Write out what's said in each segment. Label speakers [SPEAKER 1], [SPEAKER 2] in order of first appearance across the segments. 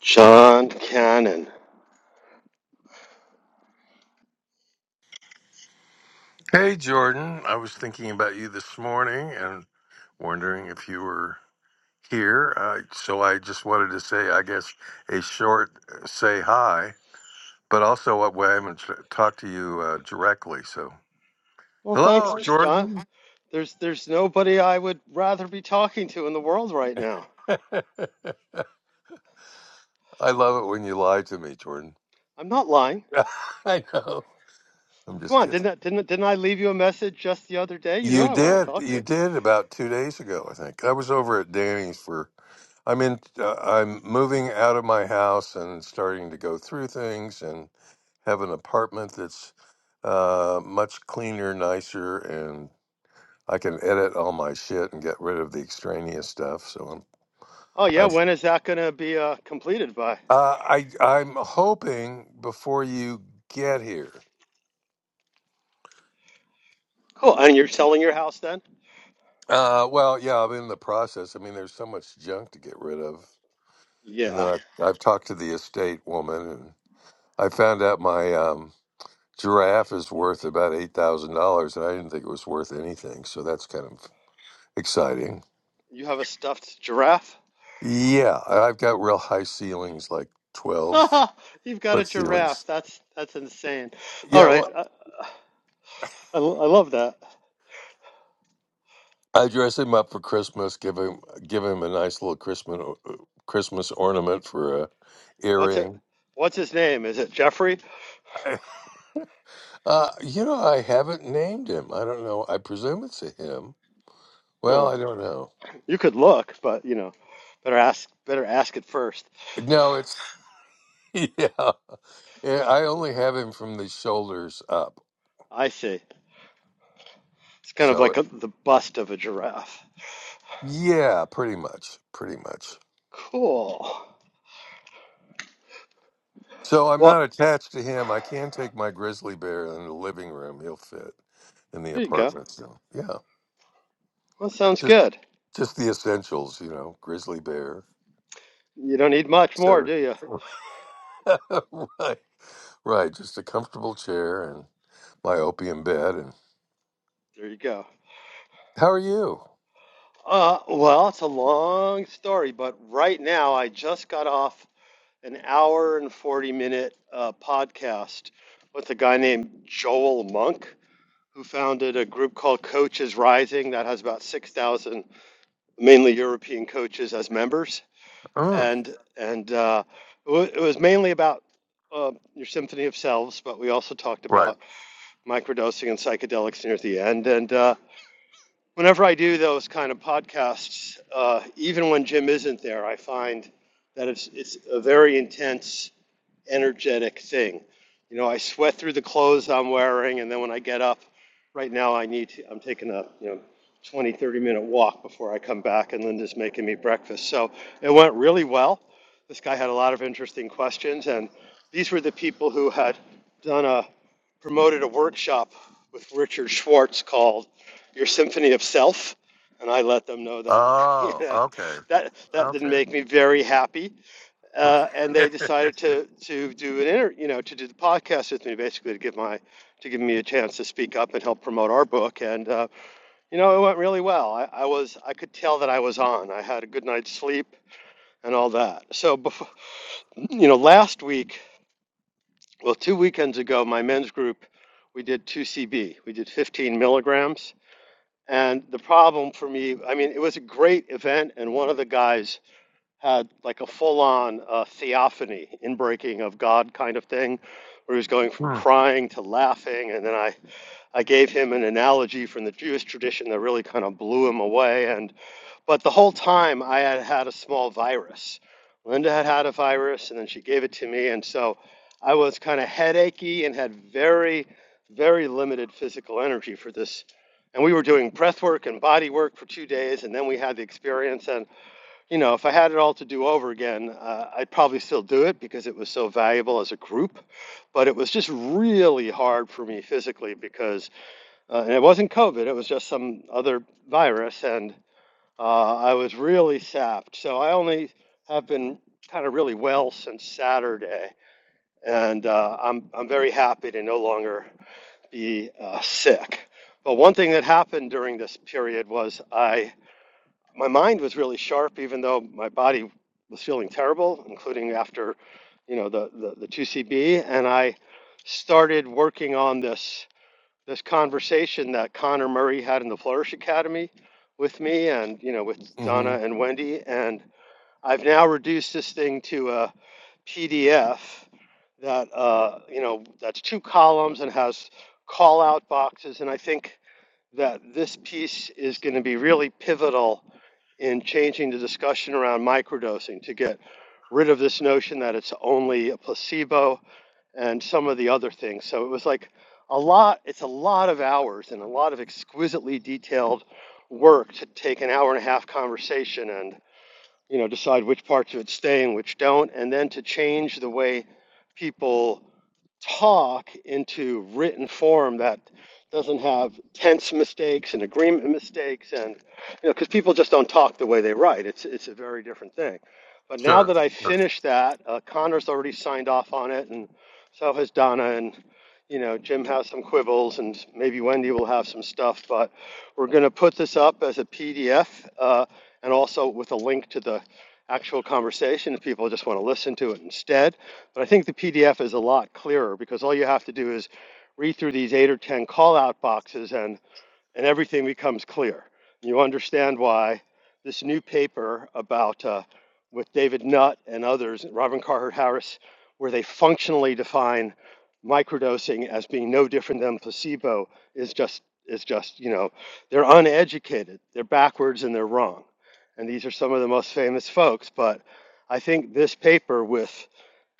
[SPEAKER 1] John Cannon.
[SPEAKER 2] Hey, Jordan. I was thinking about you this morning and wondering if you were here. Uh, so I just wanted to say, I guess, a short uh, say hi, but also uh, well, I haven't t- talked to you uh, directly. So,
[SPEAKER 1] Well, thanks,
[SPEAKER 2] hello,
[SPEAKER 1] John.
[SPEAKER 2] Jordan.
[SPEAKER 1] There's there's nobody I would rather be talking to in the world right now.
[SPEAKER 2] I love it when you lie to me, Jordan.
[SPEAKER 1] I'm not lying.
[SPEAKER 2] I know. I'm
[SPEAKER 1] Come
[SPEAKER 2] just
[SPEAKER 1] on,
[SPEAKER 2] kidding.
[SPEAKER 1] didn't I, didn't didn't I leave you a message just the other day? You know
[SPEAKER 2] You
[SPEAKER 1] I want to
[SPEAKER 2] did.
[SPEAKER 1] talk
[SPEAKER 2] You
[SPEAKER 1] to.
[SPEAKER 2] did about two days ago, I think. I was over at Danny's for I'm in. Uh, I'm moving out of my house and starting to go through things and have an apartment that's uh, much cleaner, nicer, and I can edit all my shit and get rid of the extraneous stuff. So
[SPEAKER 1] Oh
[SPEAKER 2] I'm.
[SPEAKER 1] yeah,
[SPEAKER 2] I'm.
[SPEAKER 1] when is that going to be uh, completed by?
[SPEAKER 2] Uh, I. I'm hoping before you get here.
[SPEAKER 1] Oh, And you're selling your house then?
[SPEAKER 2] Uh, well, yeah, I'm in the process. I mean, there's so much junk to get rid of, and then
[SPEAKER 1] Yeah.
[SPEAKER 2] I, I've talked to the estate woman, and I found out my um, giraffe is worth about eight thousand dollars, and I didn't think it was worth anything. So that's kind of exciting.
[SPEAKER 1] You have a stuffed giraffe?
[SPEAKER 2] Yeah, I- I've got real high ceilings, like twelve
[SPEAKER 1] You've got a
[SPEAKER 2] foot ceilings.
[SPEAKER 1] giraffe. That's that's insane. All
[SPEAKER 2] Yeah,
[SPEAKER 1] right.
[SPEAKER 2] well,
[SPEAKER 1] I, I, I love that.
[SPEAKER 2] I dress him up for Christmas, give him give him a nice little Christmas Christmas ornament for a
[SPEAKER 1] What's it?
[SPEAKER 2] earring.
[SPEAKER 1] What's his name? Is it Jeffrey?
[SPEAKER 2] I- Uh, you know, I haven't named him. I don't know. I presume it's a him. Well,
[SPEAKER 1] Huh.
[SPEAKER 2] I don't know.
[SPEAKER 1] You could look, but you know, better ask better ask it first.
[SPEAKER 2] No, it's yeah. Yeah, I only have him from the shoulders up.
[SPEAKER 1] I see. It's kind of
[SPEAKER 2] So
[SPEAKER 1] like a, the bust of a giraffe.
[SPEAKER 2] Yeah, pretty much. Pretty much.
[SPEAKER 1] Cool.
[SPEAKER 2] So I'm
[SPEAKER 1] Well,
[SPEAKER 2] not attached to him. I can take my grizzly bear in the living room. He'll fit in the
[SPEAKER 1] there you go.
[SPEAKER 2] apartment. So yeah,
[SPEAKER 1] Well, sounds
[SPEAKER 2] just
[SPEAKER 1] good.
[SPEAKER 2] just the essentials, you know, grizzly bear,
[SPEAKER 1] You don't need much more,
[SPEAKER 2] etc.
[SPEAKER 1] do you?
[SPEAKER 2] right, right. Just a comfortable chair and my opium bed. And
[SPEAKER 1] There you go.
[SPEAKER 2] how are you?
[SPEAKER 1] Uh, well, it's a long story, but right now I just got off an hour and 40 minute uh, podcast with a guy named Joel Monk, who founded a group called Coaches Rising that has about 6,000 mainly European coaches as members,
[SPEAKER 2] Mm,
[SPEAKER 1] and and uh, it, wa- it was mainly about uh, your symphony of selves, but we also talked
[SPEAKER 2] right.
[SPEAKER 1] about microdosing and psychedelics near the end. And uh, whenever I do those kind of podcasts, uh, even when Jim isn't there, I find that it's it's a very intense energetic thing. You know, I sweat through the clothes I'm wearing, and then when I get up, right now I need to, I'm taking a, you know, 20, 30 minute walk before I come back, and Linda's making me breakfast. So it went really well. This guy had a lot of interesting questions, and these were the people who had done a promoted a workshop with Richard Schwartz called Your Symphony of Self, and I let them know that. you
[SPEAKER 2] Oh,
[SPEAKER 1] know,
[SPEAKER 2] okay,
[SPEAKER 1] that that didn't
[SPEAKER 2] okay.
[SPEAKER 1] make me very happy, uh, and they decided to to do an inter, you know, to do the podcast with me, basically to give my to give me a chance to speak up and help promote our book. And uh, you know, it went really well. I, I was I could tell that I was on. I had a good night's sleep and all that. So, before, you know, last week, well, two weekends ago, my men's group we did 2CB. We did 15 milligrams. And the problem for me, I mean, it was a great event, and one of the guys had like a full on uh, theophany, inbreaking of God kind of thing, where he was going from
[SPEAKER 2] mm,
[SPEAKER 1] crying to laughing. And then I, I gave him an analogy from the Jewish tradition that really kind of blew him away. And But the whole time I had had a small virus. Linda had had a virus and then she gave it to me. And so I was kind of headachy and had very, very limited physical energy for this. And we were doing breath work and body work for two days. And then we had the experience. and you know, if I had it all to do over again, uh, I'd probably still do it because it was so valuable as a group. But it was just really hard for me physically because, uh, and it wasn't COVID, it was just some other virus. And uh, I was really sapped. So I only have been kind of really well since Saturday. And uh, I'm, I'm very happy to no longer be uh, sick. But one thing that happened during this period was I my mind was really sharp, even though my body was feeling terrible, including after, you know, the the, the two CB. And I started working on this this conversation that Connor Murray had in the Flourish Academy with me, and you know, with
[SPEAKER 2] hmm
[SPEAKER 1] Donna and Wendy. And I've now reduced this thing to a PDF that uh, you know that's two columns and has call out boxes. And I think that this piece is going to be really pivotal in changing the discussion around microdosing to get rid of this notion that it's only a placebo and some of the other things. So it was like a lot, it's a lot of hours and a lot of exquisitely detailed work to take an hour and a half conversation and you know decide which parts of it stay and which don't and then to change the way people talk into written form that doesn't have tense mistakes and agreement mistakes and you know because people just don't talk the way they write it's it's a very different thing but now
[SPEAKER 2] Sure.
[SPEAKER 1] that i finished that uh, connor's already signed off on it and so has donna and you know jim has some quibbles and maybe wendy will have some stuff but we're going to put this up as a pdf uh, and also with a link to the actual conversation if people just want to listen to it instead but I think the PDF is a lot clearer because all you have to do is read through these eight or 10 call out boxes and and everything becomes clear. You understand why this new paper about uh, with David Nutt and others, Robin Carhart Harris, where they functionally define microdosing as being no different than placebo is just is just you know they're uneducated, they're backwards, and they're wrong. And these are some of the most famous folks. But I think this paper with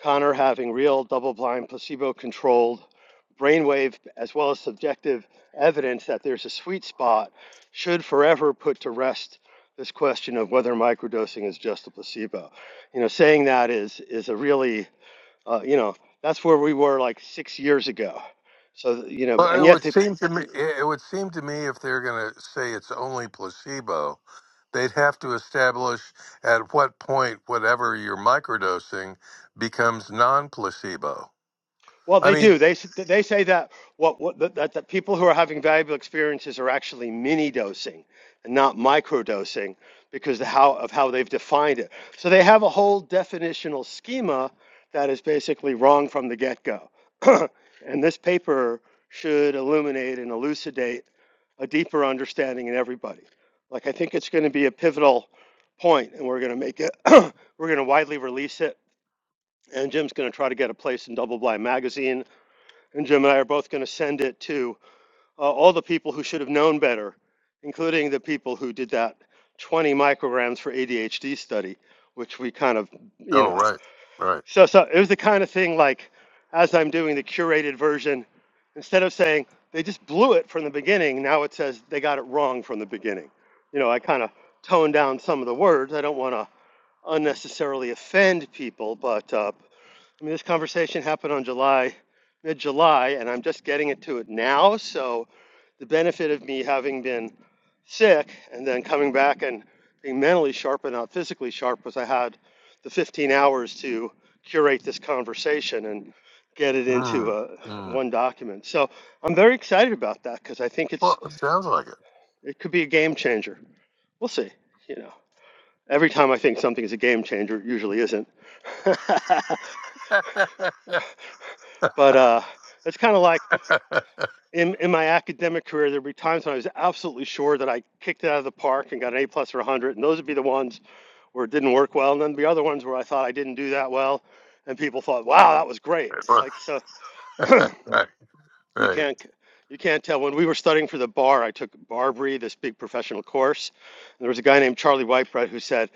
[SPEAKER 1] Connor having real double-blind, placebo-controlled brainwave as well as subjective evidence that there's a sweet spot should forever put to rest this question of whether microdosing is just a placebo. You know, saying that is is a really uh, you know that's where we were like six years ago. So you know,
[SPEAKER 2] Well,
[SPEAKER 1] and
[SPEAKER 2] it
[SPEAKER 1] yet
[SPEAKER 2] would
[SPEAKER 1] they
[SPEAKER 2] seem to me it it would seem to me if they're going to say it's only placebo, they'd have to establish at what point whatever you're microdosing becomes non-placebo.
[SPEAKER 1] Well,
[SPEAKER 2] I
[SPEAKER 1] they
[SPEAKER 2] mean,
[SPEAKER 1] do. They s- they say that what, what that, that that people who are having valuable experiences are actually mini dosing and not micro dosing because the how of how they've defined it. So they have a whole definitional schema that is basically wrong from the get go. and this paper should illuminate and elucidate a deeper understanding in everybody. Like I think it's going to be a pivotal point, and we're going to make it. we're going to widely release it and Jim's going to try to get a place in Double Blind Magazine and Jim and I are both going to send it to uh, all the people who should have known better, including the people who did that 20 micrograms for ADHD study, which we kind of, you
[SPEAKER 2] oh
[SPEAKER 1] know.
[SPEAKER 2] right, right.
[SPEAKER 1] So, so it was the kind of thing like, as I'm doing the curated version, instead of saying they just blew it from the beginning, now it says they got it wrong from the beginning. You know, I kind of toned down some of the words. I don't want to unnecessarily offend people, but uh, I mean, this conversation happened on July, mid-July, and I'm just getting into it now. So the benefit of me having been sick and then coming back and being mentally sharp and not physically sharp was I had the 15 hours to curate this conversation and get it into
[SPEAKER 2] Mm,
[SPEAKER 1] a,
[SPEAKER 2] mm.
[SPEAKER 1] one document. So I'm very excited about that because I think it's
[SPEAKER 2] Well, it sounds like it.
[SPEAKER 1] it could be a game changer. We'll see. You know, every time I think something is a game changer, it usually isn't. but uh, it's kind of like in in my academic career, there'd be times when I was absolutely sure that I kicked it out of the park and got an A plus or 100, and those would be the ones where it didn't work well, and then the other ones where I thought I didn't do that well, and people thought, "Wow, that was great." It's like so
[SPEAKER 2] right,
[SPEAKER 1] you
[SPEAKER 2] right. right.
[SPEAKER 1] can't you can't tell. When we were studying for the bar, I took Barbary, this big professional course, and there was a guy named Charlie Whitebrett who said,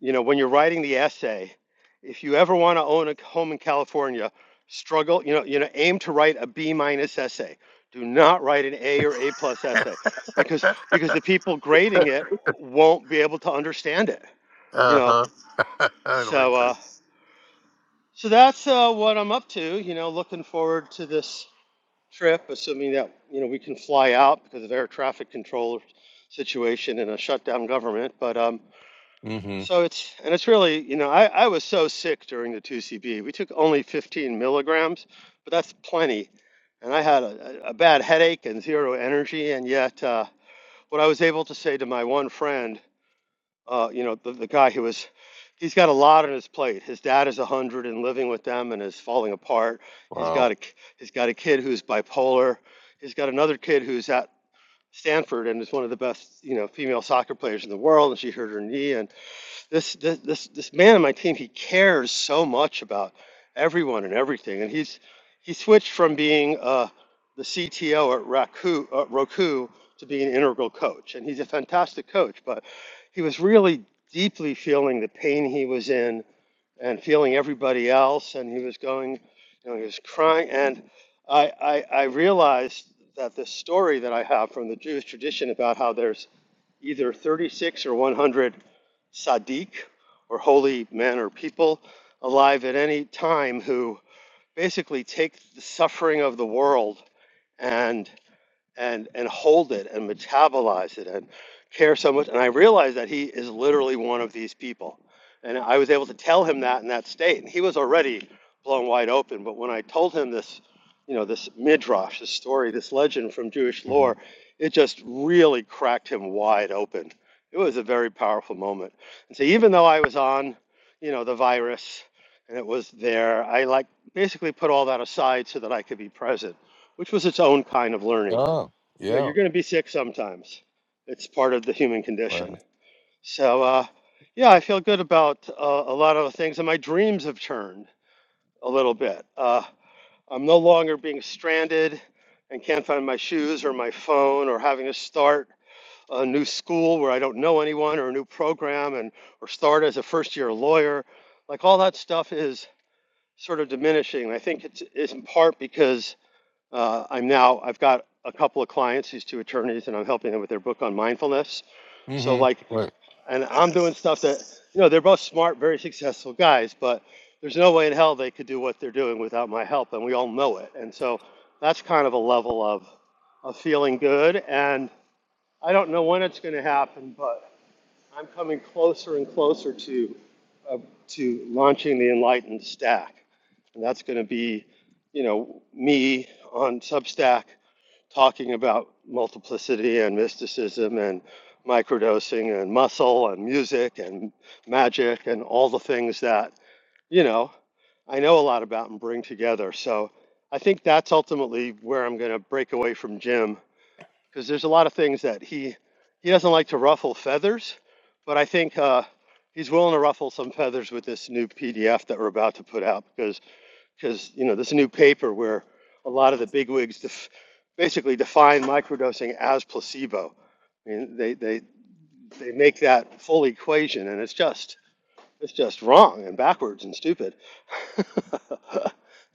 [SPEAKER 1] you know, when you're writing the essay, if you ever want to own a home in California, struggle, you know, you know, aim to write a B minus essay. Do not write an A or A plus essay because because the people grading it won't be able to understand it, you
[SPEAKER 2] uh
[SPEAKER 1] know.
[SPEAKER 2] huh. I like
[SPEAKER 1] So uh
[SPEAKER 2] that.
[SPEAKER 1] so that's uh what I'm up to, you know, looking forward to this trip assuming that, you know, we can fly out because of air traffic control situation and a shutdown government, but um
[SPEAKER 2] Mm-hmm.
[SPEAKER 1] So it's and it's really, you know, I, I was so sick during the 2CB. We took only 15 milligrams, but that's plenty. And I had a, a a bad headache and zero energy. And yet, uh, what I was able to say to my one friend, uh, you know, the, the guy who was, he's got a lot on his plate. His dad is 100 and living with them and is falling apart. He's
[SPEAKER 2] Wow.
[SPEAKER 1] got a k- he's got a kid who's bipolar. He's got another kid who's at Stanford and is one of the best, you know, female soccer players in the world. And she hurt her knee and this this this this man on my team he cares so much about everyone and everything and he's he switched from being uh, the CTO at Raku, uh, Roku to being an integral coach and he's a fantastic coach but he was really deeply feeling the pain he was in and feeling everybody else and he was going you know he was crying and I I, I realized that this story that I have from the Jewish tradition about how there's either 36 or 100 Sadiq or holy men or people alive at any time who basically take the suffering of the world and and and hold it and metabolize it and care so much. And I realized that he is literally one of these people. And I was able to tell him that in that state. And he was already blown wide open. But when I told him this, you know, this midrash, this story, this legend from Jewish
[SPEAKER 2] Mm-hmm.
[SPEAKER 1] lore, it just really cracked him wide open. It was a very powerful moment. And so even though I was on, you know, the virus and it was there, I like basically put all that aside so that I could be present, which was its own kind of learning
[SPEAKER 2] Oh,
[SPEAKER 1] you know,
[SPEAKER 2] yeah.
[SPEAKER 1] you're going to be sick sometimes. It's part of the human
[SPEAKER 2] Right.
[SPEAKER 1] condition. So, uh, yeah, I feel good about uh, a lot of the things, and my dreams have turned a little bit. Uh, I'm no longer being stranded and can't find my shoes or my phone or having to start a new school where I don't know anyone or a new program and or start as a first year lawyer. Like all that stuff is sort of diminishing. And I think it's, it's in part because uh, I'm now, I've got a couple of clients, these two attorneys, and I'm helping them with their book on mindfulness. So, like,
[SPEAKER 2] Mm-hmm. Right.
[SPEAKER 1] and I'm doing stuff that, you know, they're both smart, very successful guys, but there's no way in hell they could do what they're doing without my help, and we all know it. And so that's kind of a level of, of feeling good. And I don't know when it's going to happen, but I'm coming closer and closer to, uh, to launching the Enlightened Stack. And that's going to be, you know, me on Substack talking about multiplicity and mysticism and microdosing and muscle and music and magic and all the things that, you know, I know a lot about and bring together. So I think that's ultimately where I'm going to break away from Jim because there's a lot of things that he he doesn't like to ruffle feathers, but I think uh, he's willing to ruffle some feathers with this new PDF that we're about to put out because because you know there's a new paper where a lot of the bigwigs def- basically define microdosing as placebo. I mean, they they they make that full equation, and it's just it's just wrong and backwards and stupid.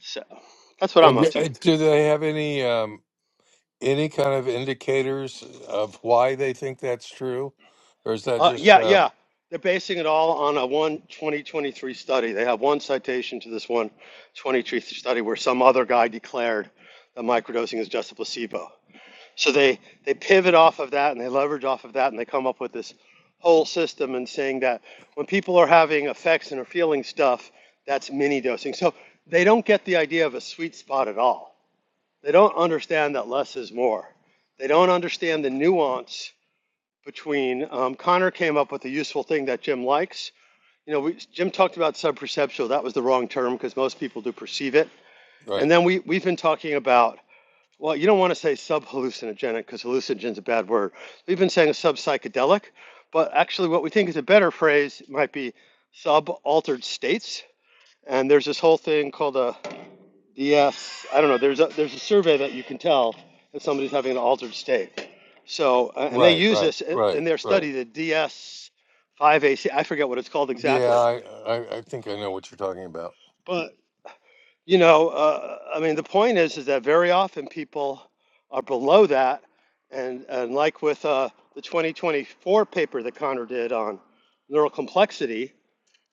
[SPEAKER 1] so that's what I'm
[SPEAKER 2] And
[SPEAKER 1] up
[SPEAKER 2] d-
[SPEAKER 1] to.
[SPEAKER 2] uh, do they have any um, any kind of indicators of why they think that's true, or is that
[SPEAKER 1] Uh,
[SPEAKER 2] just
[SPEAKER 1] yeah,
[SPEAKER 2] uh,
[SPEAKER 1] yeah. They're basing it all on a one 2023 study. They have one citation to this one 2023 study where some other guy declared that microdosing is just a placebo. So they they pivot off of that and they leverage off of that and they come up with this whole system and saying that when people are having effects and are feeling stuff, that's mini dosing. So they don't get the idea of a sweet spot at all. They don't understand that less is more. They don't understand the nuance between. Um, Connor came up with a useful thing that Jim likes. You know, we, Jim talked about subperceptual. That was the wrong term because most people do perceive it. And
[SPEAKER 2] right,
[SPEAKER 1] then we we've been talking about well, you don't want to say sub hallucinogenic because hallucinogen is a bad word. We've been saying sub psychedelic, but actually, what we think is a better phrase might be sub altered states. And there's this whole thing called a DS. I don't know. There's a there's a survey that you can tell if somebody's having an altered state. So, uh, and they
[SPEAKER 2] right,
[SPEAKER 1] use
[SPEAKER 2] right,
[SPEAKER 1] this uh, in
[SPEAKER 2] right,
[SPEAKER 1] their
[SPEAKER 2] right?
[SPEAKER 1] study, the DS5AC. I forget what it's called
[SPEAKER 2] Yeah,
[SPEAKER 1] exactly.
[SPEAKER 2] I, I I think I know what you're talking about.
[SPEAKER 1] but. You know, uh, I mean, the point is, is that very often people are below that, and and like with uh, the 2024 paper that Connor did on neural complexity,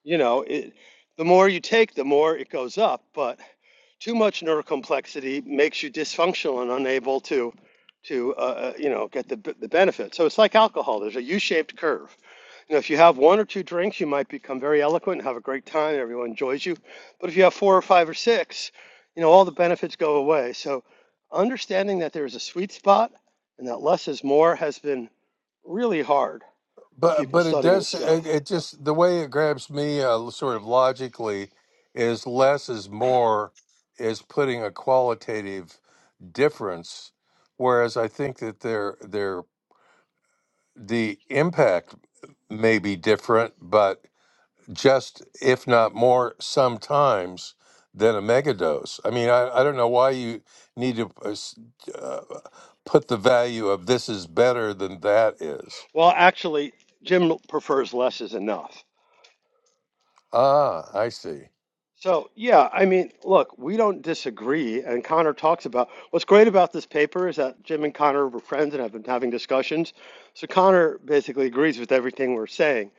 [SPEAKER 1] you know, it, the more you take, the more it goes up. But too much neurocomplexity makes you dysfunctional and unable to, to uh, uh, you know, get the the benefit. So it's like alcohol. There's a U-shaped curve. You know, if you have one or two drinks, you might become very eloquent and have a great time. and Everyone enjoys you. But if you have four or five or six, you know, all the benefits go away. So understanding that there is a sweet spot and that less is more has been really hard for
[SPEAKER 2] But
[SPEAKER 1] people
[SPEAKER 2] but it
[SPEAKER 1] studying this
[SPEAKER 2] does
[SPEAKER 1] stuff.
[SPEAKER 2] it, it just the way it grabs me uh, sort of logically is less is more is putting a qualitative difference, whereas I think that their their the impact may be different, but just if not more sometimes than a megadose. I mean, I, I don't know why you need to uh, s- uh, put the value of this is better than that is.
[SPEAKER 1] Well, actually, Jim prefers less is enough.
[SPEAKER 2] Ah, I see.
[SPEAKER 1] So, yeah, I mean, look, we don't disagree. And Connor talks about what's great about this paper is that Jim and Connor were friends and have been having discussions. So, Connor basically agrees with everything we're saying.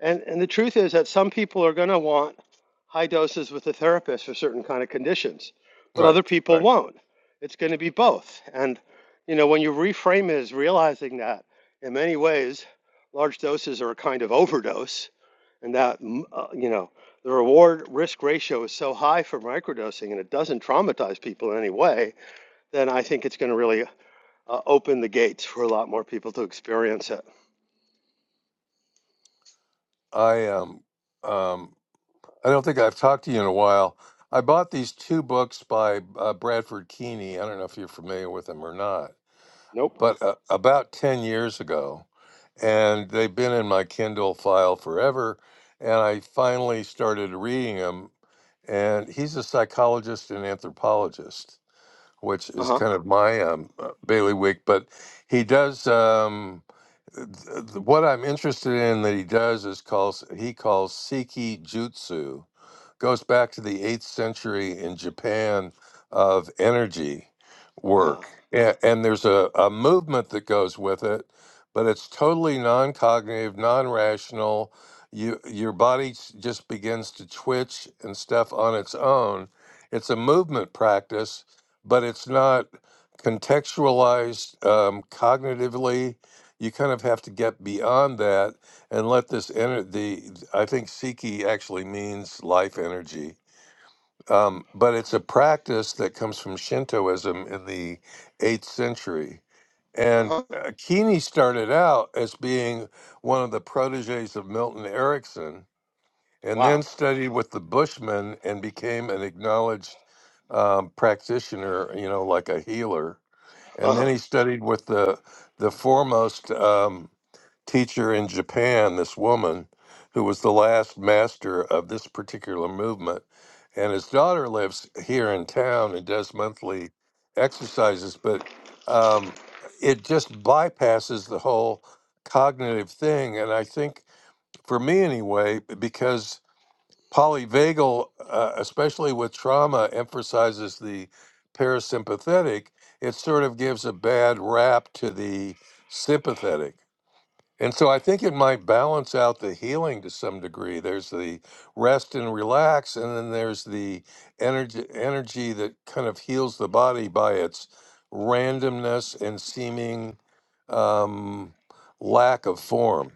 [SPEAKER 1] And, and the truth is that some people are going to want high doses with a therapist for certain kind of conditions, but
[SPEAKER 2] Right,
[SPEAKER 1] other people
[SPEAKER 2] right.
[SPEAKER 1] won't. It's going to be both. And, you know, when you reframe it as realizing that in many ways, large doses are a kind of overdose and that, mm, uh, you know, the reward risk ratio is so high for microdosing and it doesn't traumatize people in any way, then I think it's going to really uh, open the gates for a lot more people to experience it.
[SPEAKER 2] I um um I don't think I've talked to you in a while. I bought these two books by uh, Bradford Keeney. I don't know if you're familiar with him or not
[SPEAKER 1] Nope.
[SPEAKER 2] but uh, about 10 years ago and they've been in my kindle file forever and i finally started reading him and he's a psychologist and anthropologist which
[SPEAKER 1] Uh
[SPEAKER 2] is
[SPEAKER 1] huh.
[SPEAKER 2] kind of my um, uh, bailiwick but he does um, th- th- what i'm interested in that he does is calls he calls Seki jutsu goes back to the eighth century in Japan of energy
[SPEAKER 1] Uh huh.
[SPEAKER 2] work. And, and there's a, a movement that goes with it, but it's totally non cognitive, non rational. You, your body s- just begins to twitch and stuff on its own. It's a movement practice, but it's not contextualized um, cognitively. You kind of have to get beyond that and let this energy the i think siki actually means life energy um, but it's a practice that comes from shintoism in the 8th century
[SPEAKER 1] Uh
[SPEAKER 2] and
[SPEAKER 1] huh.
[SPEAKER 2] uh, kini started out as being one of the proteges of milton erickson and then
[SPEAKER 1] Wow.
[SPEAKER 2] studied with the bushmen and became an acknowledged um, practitioner you know like a healer
[SPEAKER 1] Uh
[SPEAKER 2] and then
[SPEAKER 1] huh.
[SPEAKER 2] he studied with the the foremost um, teacher in Japan, this woman who was the last master of this particular movement. And his daughter lives here in town and does monthly exercises, but um, it just bypasses the whole cognitive thing. And I think, for me anyway, because polyvagal, uh, especially with trauma, emphasizes the parasympathetic. It sort of gives a bad rap to the sympathetic. And so I think it might balance out the healing to some degree. There's the rest and relax, and then there's the energy energy that kind of heals the body by its randomness and seeming um, lack of form.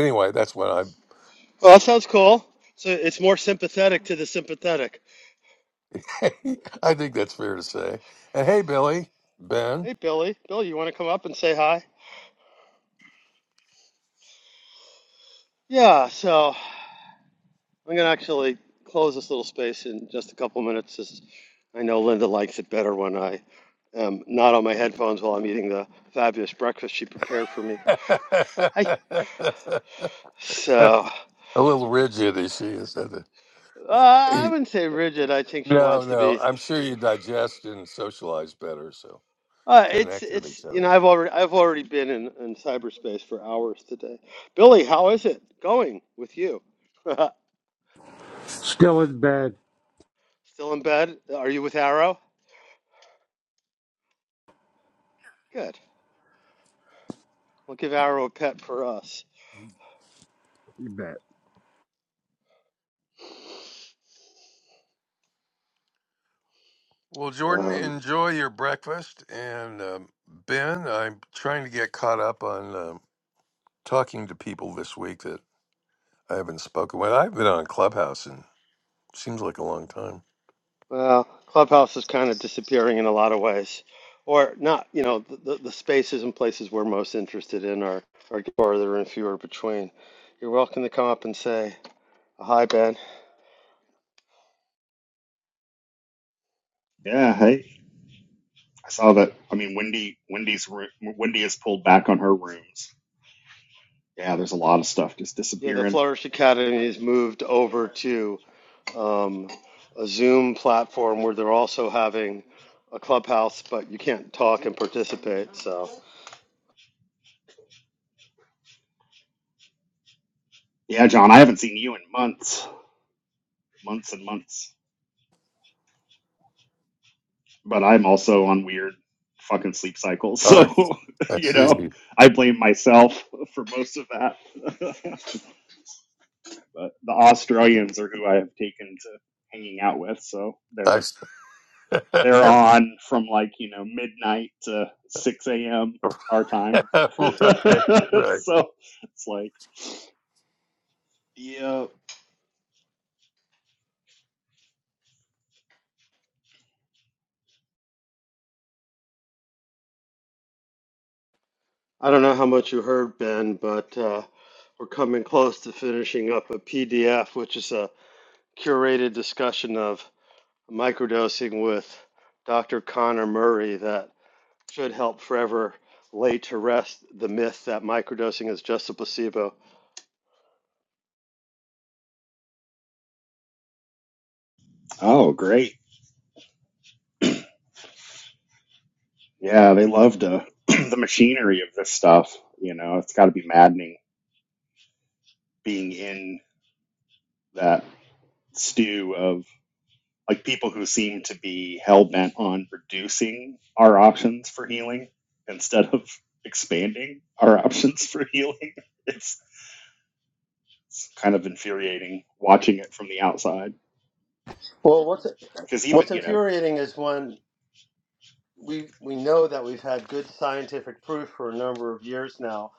[SPEAKER 2] Anyway, that's what I
[SPEAKER 1] Well, that sounds cool. So it's more sympathetic to the sympathetic.
[SPEAKER 2] I think that's fair to say. And hey, Billy, Ben.
[SPEAKER 1] Hey, Billy. Billy, you want to come up and say hi? Yeah. So. I'm going to actually close this little space in just a couple minutes. As I know Linda likes it better when I am not on my headphones while I'm eating the fabulous breakfast she prepared for me.
[SPEAKER 2] A
[SPEAKER 1] Hi. So
[SPEAKER 2] little rigid as she is. isn't
[SPEAKER 1] uh, I
[SPEAKER 2] it?
[SPEAKER 1] wouldn't say rigid. I think she
[SPEAKER 2] No,
[SPEAKER 1] wants to
[SPEAKER 2] no.
[SPEAKER 1] be.
[SPEAKER 2] I'm sure you digest and socialize better, so
[SPEAKER 1] Uh, it's
[SPEAKER 2] connect with
[SPEAKER 1] it's
[SPEAKER 2] each
[SPEAKER 1] you
[SPEAKER 2] other.
[SPEAKER 1] know I've already I've already been in, in cyberspace for hours today. Billy, how is it going with you?
[SPEAKER 3] Still in bed.
[SPEAKER 1] Still in bed? Are you with Arrow? Good. We'll give Arrow a pet for us.
[SPEAKER 3] You bet.
[SPEAKER 2] Well, Jordan,
[SPEAKER 1] Um,
[SPEAKER 2] enjoy your breakfast. And um, Ben, I'm trying to get caught up on um, talking to people this week that I haven't spoken with. I've been on Clubhouse and seems like a long time.
[SPEAKER 1] Well, Clubhouse is kind of disappearing in a lot of ways, or not. You know, the, the, the spaces and places we're most interested in are are farther and fewer between. You're welcome to come up and say hi, Ben.
[SPEAKER 4] Yeah, hey, I saw that. I mean, Wendy, Wendy's roo- Wendy has pulled back on her rooms. Yeah, there's a lot of stuff just
[SPEAKER 1] Yeah, the
[SPEAKER 4] disappearing.
[SPEAKER 1] Flourish Academy has moved over to um, a Zoom platform where they're also having a clubhouse, but you can't talk and participate. So
[SPEAKER 4] Yeah, John, I haven't seen you in months, months and months. But I'm also on weird fucking sleep cycles,
[SPEAKER 2] Oh,
[SPEAKER 4] so
[SPEAKER 2] I
[SPEAKER 4] you know,
[SPEAKER 2] see.
[SPEAKER 4] I blame myself for most of that. but the Australians are who I have taken to hanging out with, so they're
[SPEAKER 2] I see.
[SPEAKER 4] They're on from like, you know, midnight to 6 a.m. our time. so
[SPEAKER 2] right, right.
[SPEAKER 4] it's like, yeah.
[SPEAKER 1] I don't know how much you heard, Ben, but uh, we're coming close to finishing up a PDF, which is a curated discussion of microdosing with Dr. Connor Murray that should help forever lay to rest the myth that microdosing is just a placebo.
[SPEAKER 4] Oh, great. Yeah, they love the, the machinery of this stuff. You know, it's got to be maddening being in that stew of like people who seem to be hell bent on reducing our options for healing instead of expanding our options for healing. It's, it's kind of infuriating watching it from the outside.
[SPEAKER 1] Well, what's
[SPEAKER 4] because even
[SPEAKER 1] what's
[SPEAKER 4] you know
[SPEAKER 1] infuriating is when we we know that we've had good scientific proof for a number of years now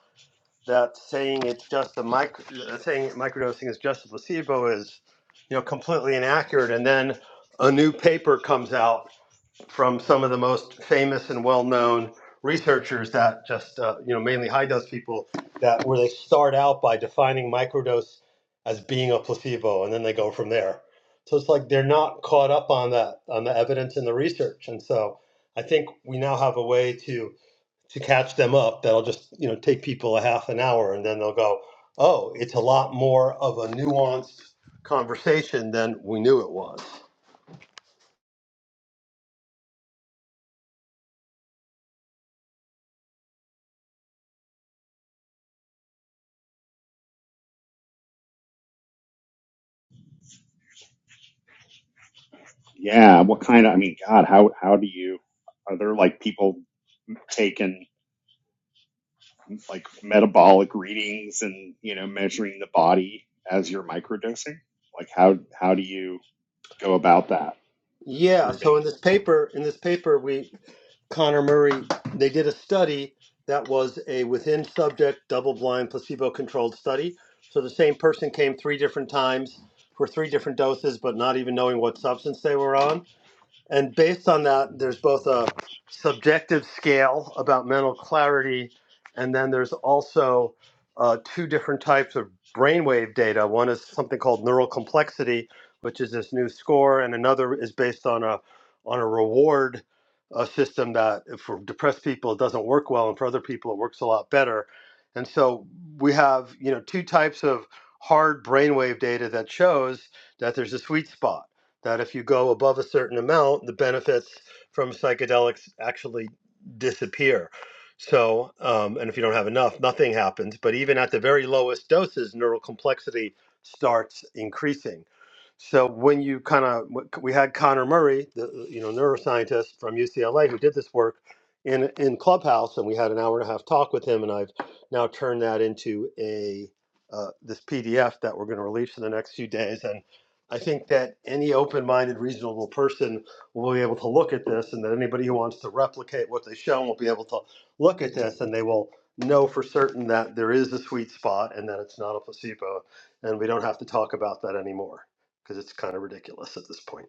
[SPEAKER 1] that saying it's just a micro uh, saying microdosing is just a placebo is you know completely inaccurate, and then a new paper comes out from some of the most famous and well-known researchers that just uh, you know mainly high dose people that where they start out by defining microdose as being a placebo and then they go from there so it's like they're not caught up on that on the evidence and the research and so i think we now have a way to to catch them up that'll just you know take people a half an hour and then they'll go oh it's a lot more of a nuanced conversation than we knew it was
[SPEAKER 4] yeah what kind of i mean god how how do you are there like people taking like metabolic readings and you know measuring the body as you're microdosing like how how do you go about that
[SPEAKER 1] Yeah, so
[SPEAKER 4] Proving.
[SPEAKER 1] in this paper, in this paper, we Connor Murray, they did a study that was a within subject, double blind, placebo controlled study. So the same person came three different times for three different doses, but not even knowing what substance they were on. And based on that, there's both a subjective scale about mental clarity, and then there's also uh, two different types of brainwave data. One is something called neural complexity, which is this new score, and another is based on a on a reward uh, system that for depressed people it doesn't work well, and for other people it works a lot better. And so we have you know two types of hard brainwave data that shows that there's a sweet spot that if you go above a certain amount, the benefits from psychedelics actually disappear. So, um, and if you don't have enough, nothing happens. But even at the very lowest doses, neural complexity starts increasing. So when you kind of, we had Connor Murray, the you know neuroscientist from UCLA who did this work in in Clubhouse, and we had an hour and a half talk with him, and I've now turned that into a uh, this PDF that we're going to release in the next few days, and I think that any open-minded, reasonable person will be able to look at this, and that anybody who wants to replicate what they show will be able to look at this, and they will know for certain that there is a sweet spot and that it's not a placebo, and we don't have to talk about that anymore because it's kind of ridiculous at this point.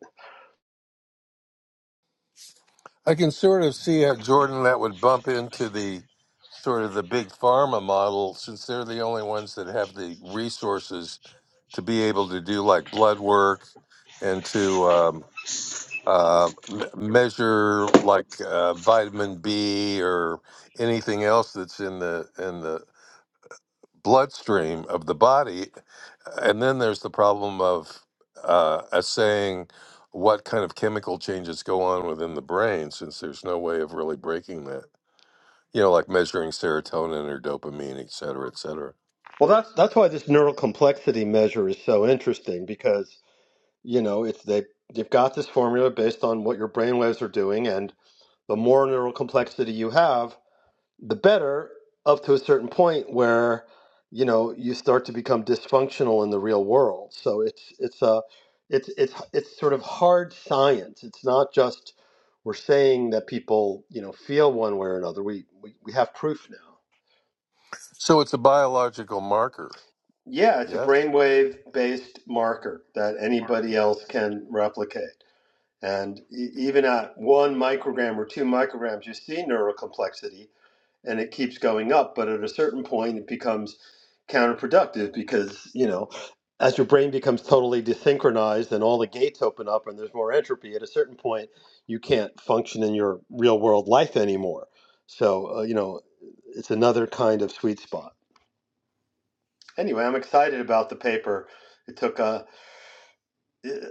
[SPEAKER 2] I can sort of see how Jordan that would bump into the sort of the big pharma model since they're the only ones that have the resources to be able to do like blood work and to um, uh, m- measure like uh, vitamin B or anything else that's in the in the bloodstream of the body. And then there's the problem of uh, assaying what kind of chemical changes go on within the brain, since there's no way of really breaking that. You know, like measuring serotonin or dopamine, et cetera, et cetera.
[SPEAKER 1] Well, that's that's why this neural complexity measure is so interesting because you know it's they they've got this formula based on what your brain waves are doing, and the more neural complexity you have the better up to a certain point where you know you start to become dysfunctional in the real world so it's it's a it's it's it's sort of hard science it's not just we're saying that people you know feel one way or another we we, we have proof now
[SPEAKER 2] So it's a biological marker.
[SPEAKER 1] yeah it's a
[SPEAKER 2] Yes.
[SPEAKER 1] brainwave based marker that anybody else can replicate and e- even at one microgram or two micrograms you see neural complexity and it keeps going up but at a certain point it becomes counterproductive because you know as your brain becomes totally desynchronized and all the gates open up and there's more entropy at a certain point you can't function in your real world life anymore so uh, you know it's another kind of sweet spot anyway i'm excited about the paper it took uh,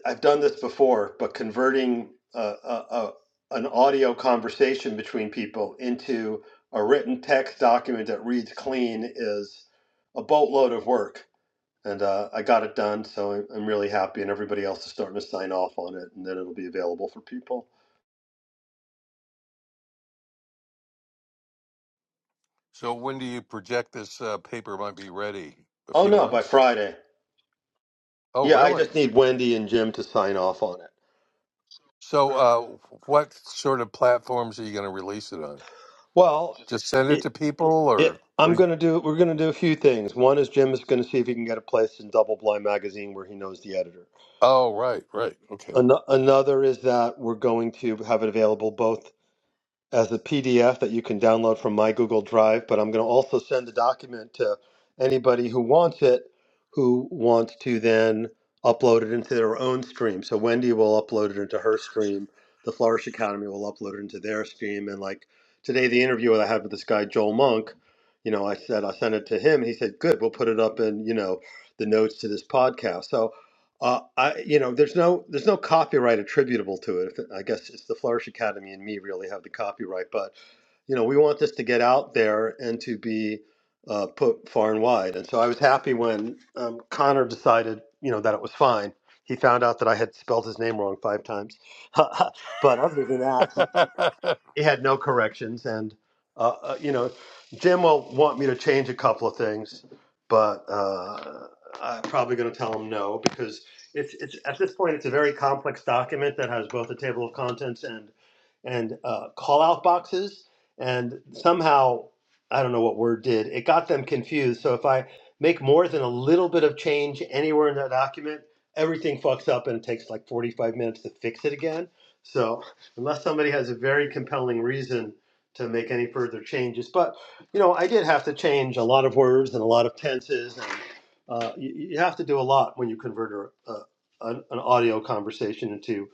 [SPEAKER 1] I've done this before, but converting a, a, a, an audio conversation between people into a written text document that reads clean is a boatload of work. And uh, I got it done, so I'm really happy, and everybody else is starting to sign off on it, and then it'll be available for people.
[SPEAKER 2] So when do you project this uh, paper might be ready? A
[SPEAKER 1] Oh
[SPEAKER 2] few
[SPEAKER 1] no, by
[SPEAKER 2] months?
[SPEAKER 1] Friday.
[SPEAKER 2] Oh,
[SPEAKER 1] Yeah, I
[SPEAKER 2] really?
[SPEAKER 1] just need Wendy and Jim to sign off on it.
[SPEAKER 2] So uh, what sort of platforms are you going to release it on?
[SPEAKER 1] Well,
[SPEAKER 2] Just send it to
[SPEAKER 1] it,
[SPEAKER 2] people, or?
[SPEAKER 1] it, I'm
[SPEAKER 2] or
[SPEAKER 1] gonna do. We're gonna do a few things. One is Jim is gonna see if he can get a place in Double Blind Magazine where he knows the editor.
[SPEAKER 2] Oh, right, right. Okay.
[SPEAKER 1] An- another is that we're going to have it available both as a PDF that you can download from my Google Drive, but I'm going to also send the document to anybody who wants it, who wants to then upload it into their own stream. So Wendy will upload it into her stream. The Flourish Academy will upload it into their stream. And like today, the interview that I had with this guy, Joel Monk, you know, I said, I sent it to him. He said, good, we'll put it up in, you know, the notes to this podcast. So, uh, I, you know, there's no there's no copyright attributable to it. I guess it's the Flourish Academy and me really have the copyright, but you know, we want this to get out there and to be uh, put far and wide. And so I was happy when um, Connor decided, you know, that it was fine. He found out that I had spelled his name wrong five times, but other than that, it had no corrections and uh, uh, you know jim will want me to change a couple of things but uh, i'm probably going to tell him no because it's, it's at this point it's a very complex document that has both a table of contents and and uh, call out boxes and somehow i don't know what word did it got them confused so if i make more than a little bit of change anywhere in that document everything fucks up and it takes like 45 minutes to fix it again so unless somebody has a very compelling reason to make any further changes. But you know, I did have to change a lot of words and a lot of tenses, and uh, you, you have to do a lot when you convert a, a, an, an audio conversation into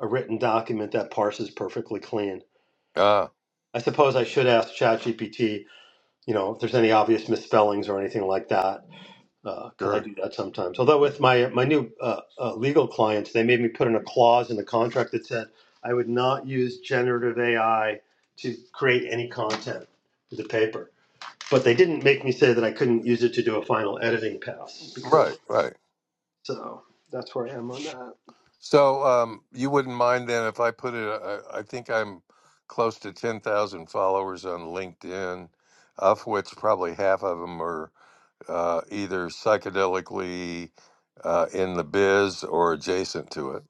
[SPEAKER 1] a written document that parses perfectly clean.
[SPEAKER 2] ah,
[SPEAKER 1] I suppose I should ask ChatGPT, you know, if there's any obvious misspellings or anything like that because I
[SPEAKER 2] sure.
[SPEAKER 1] do that sometimes. Although with my my new uh, uh, legal clients, they made me put in a clause in the contract that said I would not use generative AI to create any content for the paper. But they didn't make me say that I couldn't use it to do a final editing pass
[SPEAKER 2] Right,
[SPEAKER 1] because
[SPEAKER 2] right.
[SPEAKER 1] so that's where I am on that.
[SPEAKER 2] So, um, you wouldn't mind then if I put it, I, I think I'm close to 10,000 followers on LinkedIn, of which probably half of them are uh, either psychedelically uh, in the biz or adjacent to it.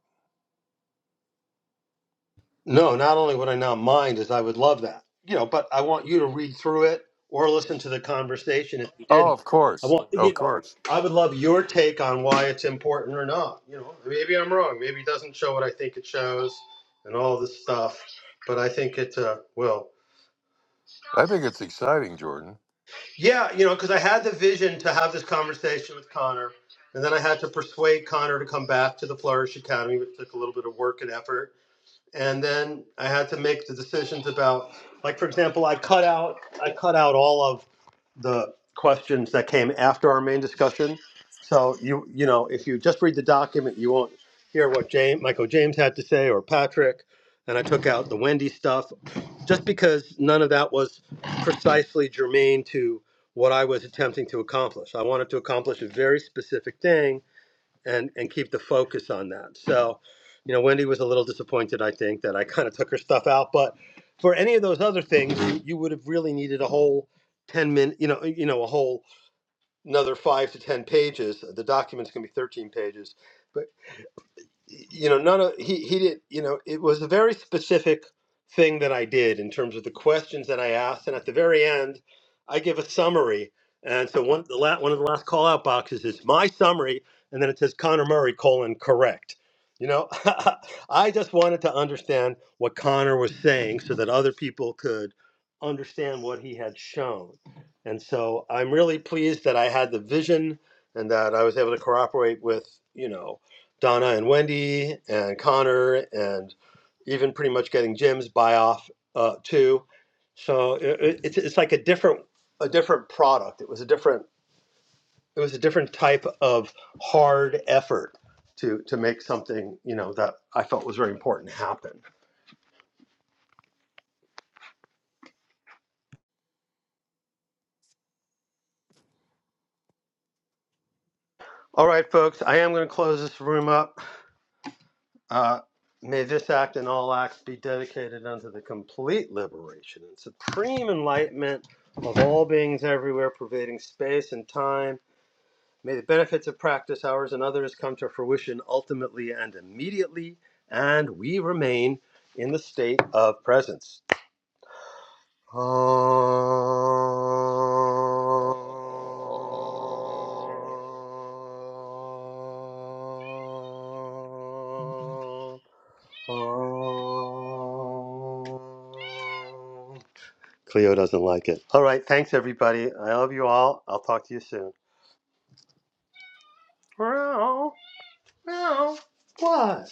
[SPEAKER 1] No, not only would I not mind, is I would love that. You know, but I want you to read through it or listen to the conversation if you
[SPEAKER 2] Oh,
[SPEAKER 1] didn't.
[SPEAKER 2] of
[SPEAKER 1] I
[SPEAKER 2] course.
[SPEAKER 1] want you
[SPEAKER 2] Of
[SPEAKER 1] know,
[SPEAKER 2] course.
[SPEAKER 1] I would love your take on why it's important or not. You know, maybe I'm wrong. Maybe it doesn't show what I think it shows and all this stuff. But I think it uh, will.
[SPEAKER 2] I think it's exciting, Jordan.
[SPEAKER 1] Yeah, you know, because I had the vision to have this conversation with Connor, and then I had to persuade Connor to come back to the Flourish Academy, which took a little bit of work and effort and then I had to make the decisions about, like for example, I cut out I cut out all of the questions that came after our main discussion. So you you know if you just read the document, you won't hear what James Michael James had to say or Patrick. And I took out the Wendy stuff just because none of that was precisely germane to what I was attempting to accomplish. I wanted to accomplish a very specific thing and and keep the focus on that. So, you know, Wendy was a little disappointed, I think, that I kind of took her stuff out. But for any of those other things, you, you would have really needed a whole ten minute, you know, you know, a whole another five to ten pages. The document's gonna be thirteen pages, But you know none of he he did you know it was a very specific thing that I did in terms of the questions that I asked and at the very end I give a summary and so one the la- one of the last call out boxes is my summary and then it says Connor Murray colon correct you know I just wanted to understand what Connor was saying so that other people could understand what he had shown and so I'm really pleased that I had the vision and that I was able to cooperate with you know Donna and Wendy and Connor and even pretty much getting Jim's buy off uh, too. So it, it's it's like a different a different product. It was a different it was a different type of hard effort to to make something you know that I felt was very important happen. All right, folks, I am going to close this room up. Uh, may this act and all acts be dedicated unto the complete liberation and supreme enlightenment of all beings everywhere, pervading space and time. May the benefits of practice, ours and others, come to fruition ultimately and immediately, and we remain in the state of presence. Ah. Oh. Cleo doesn't like it. All right, thanks everybody. I love you all. I'll talk to you soon. Meow. Meow. What?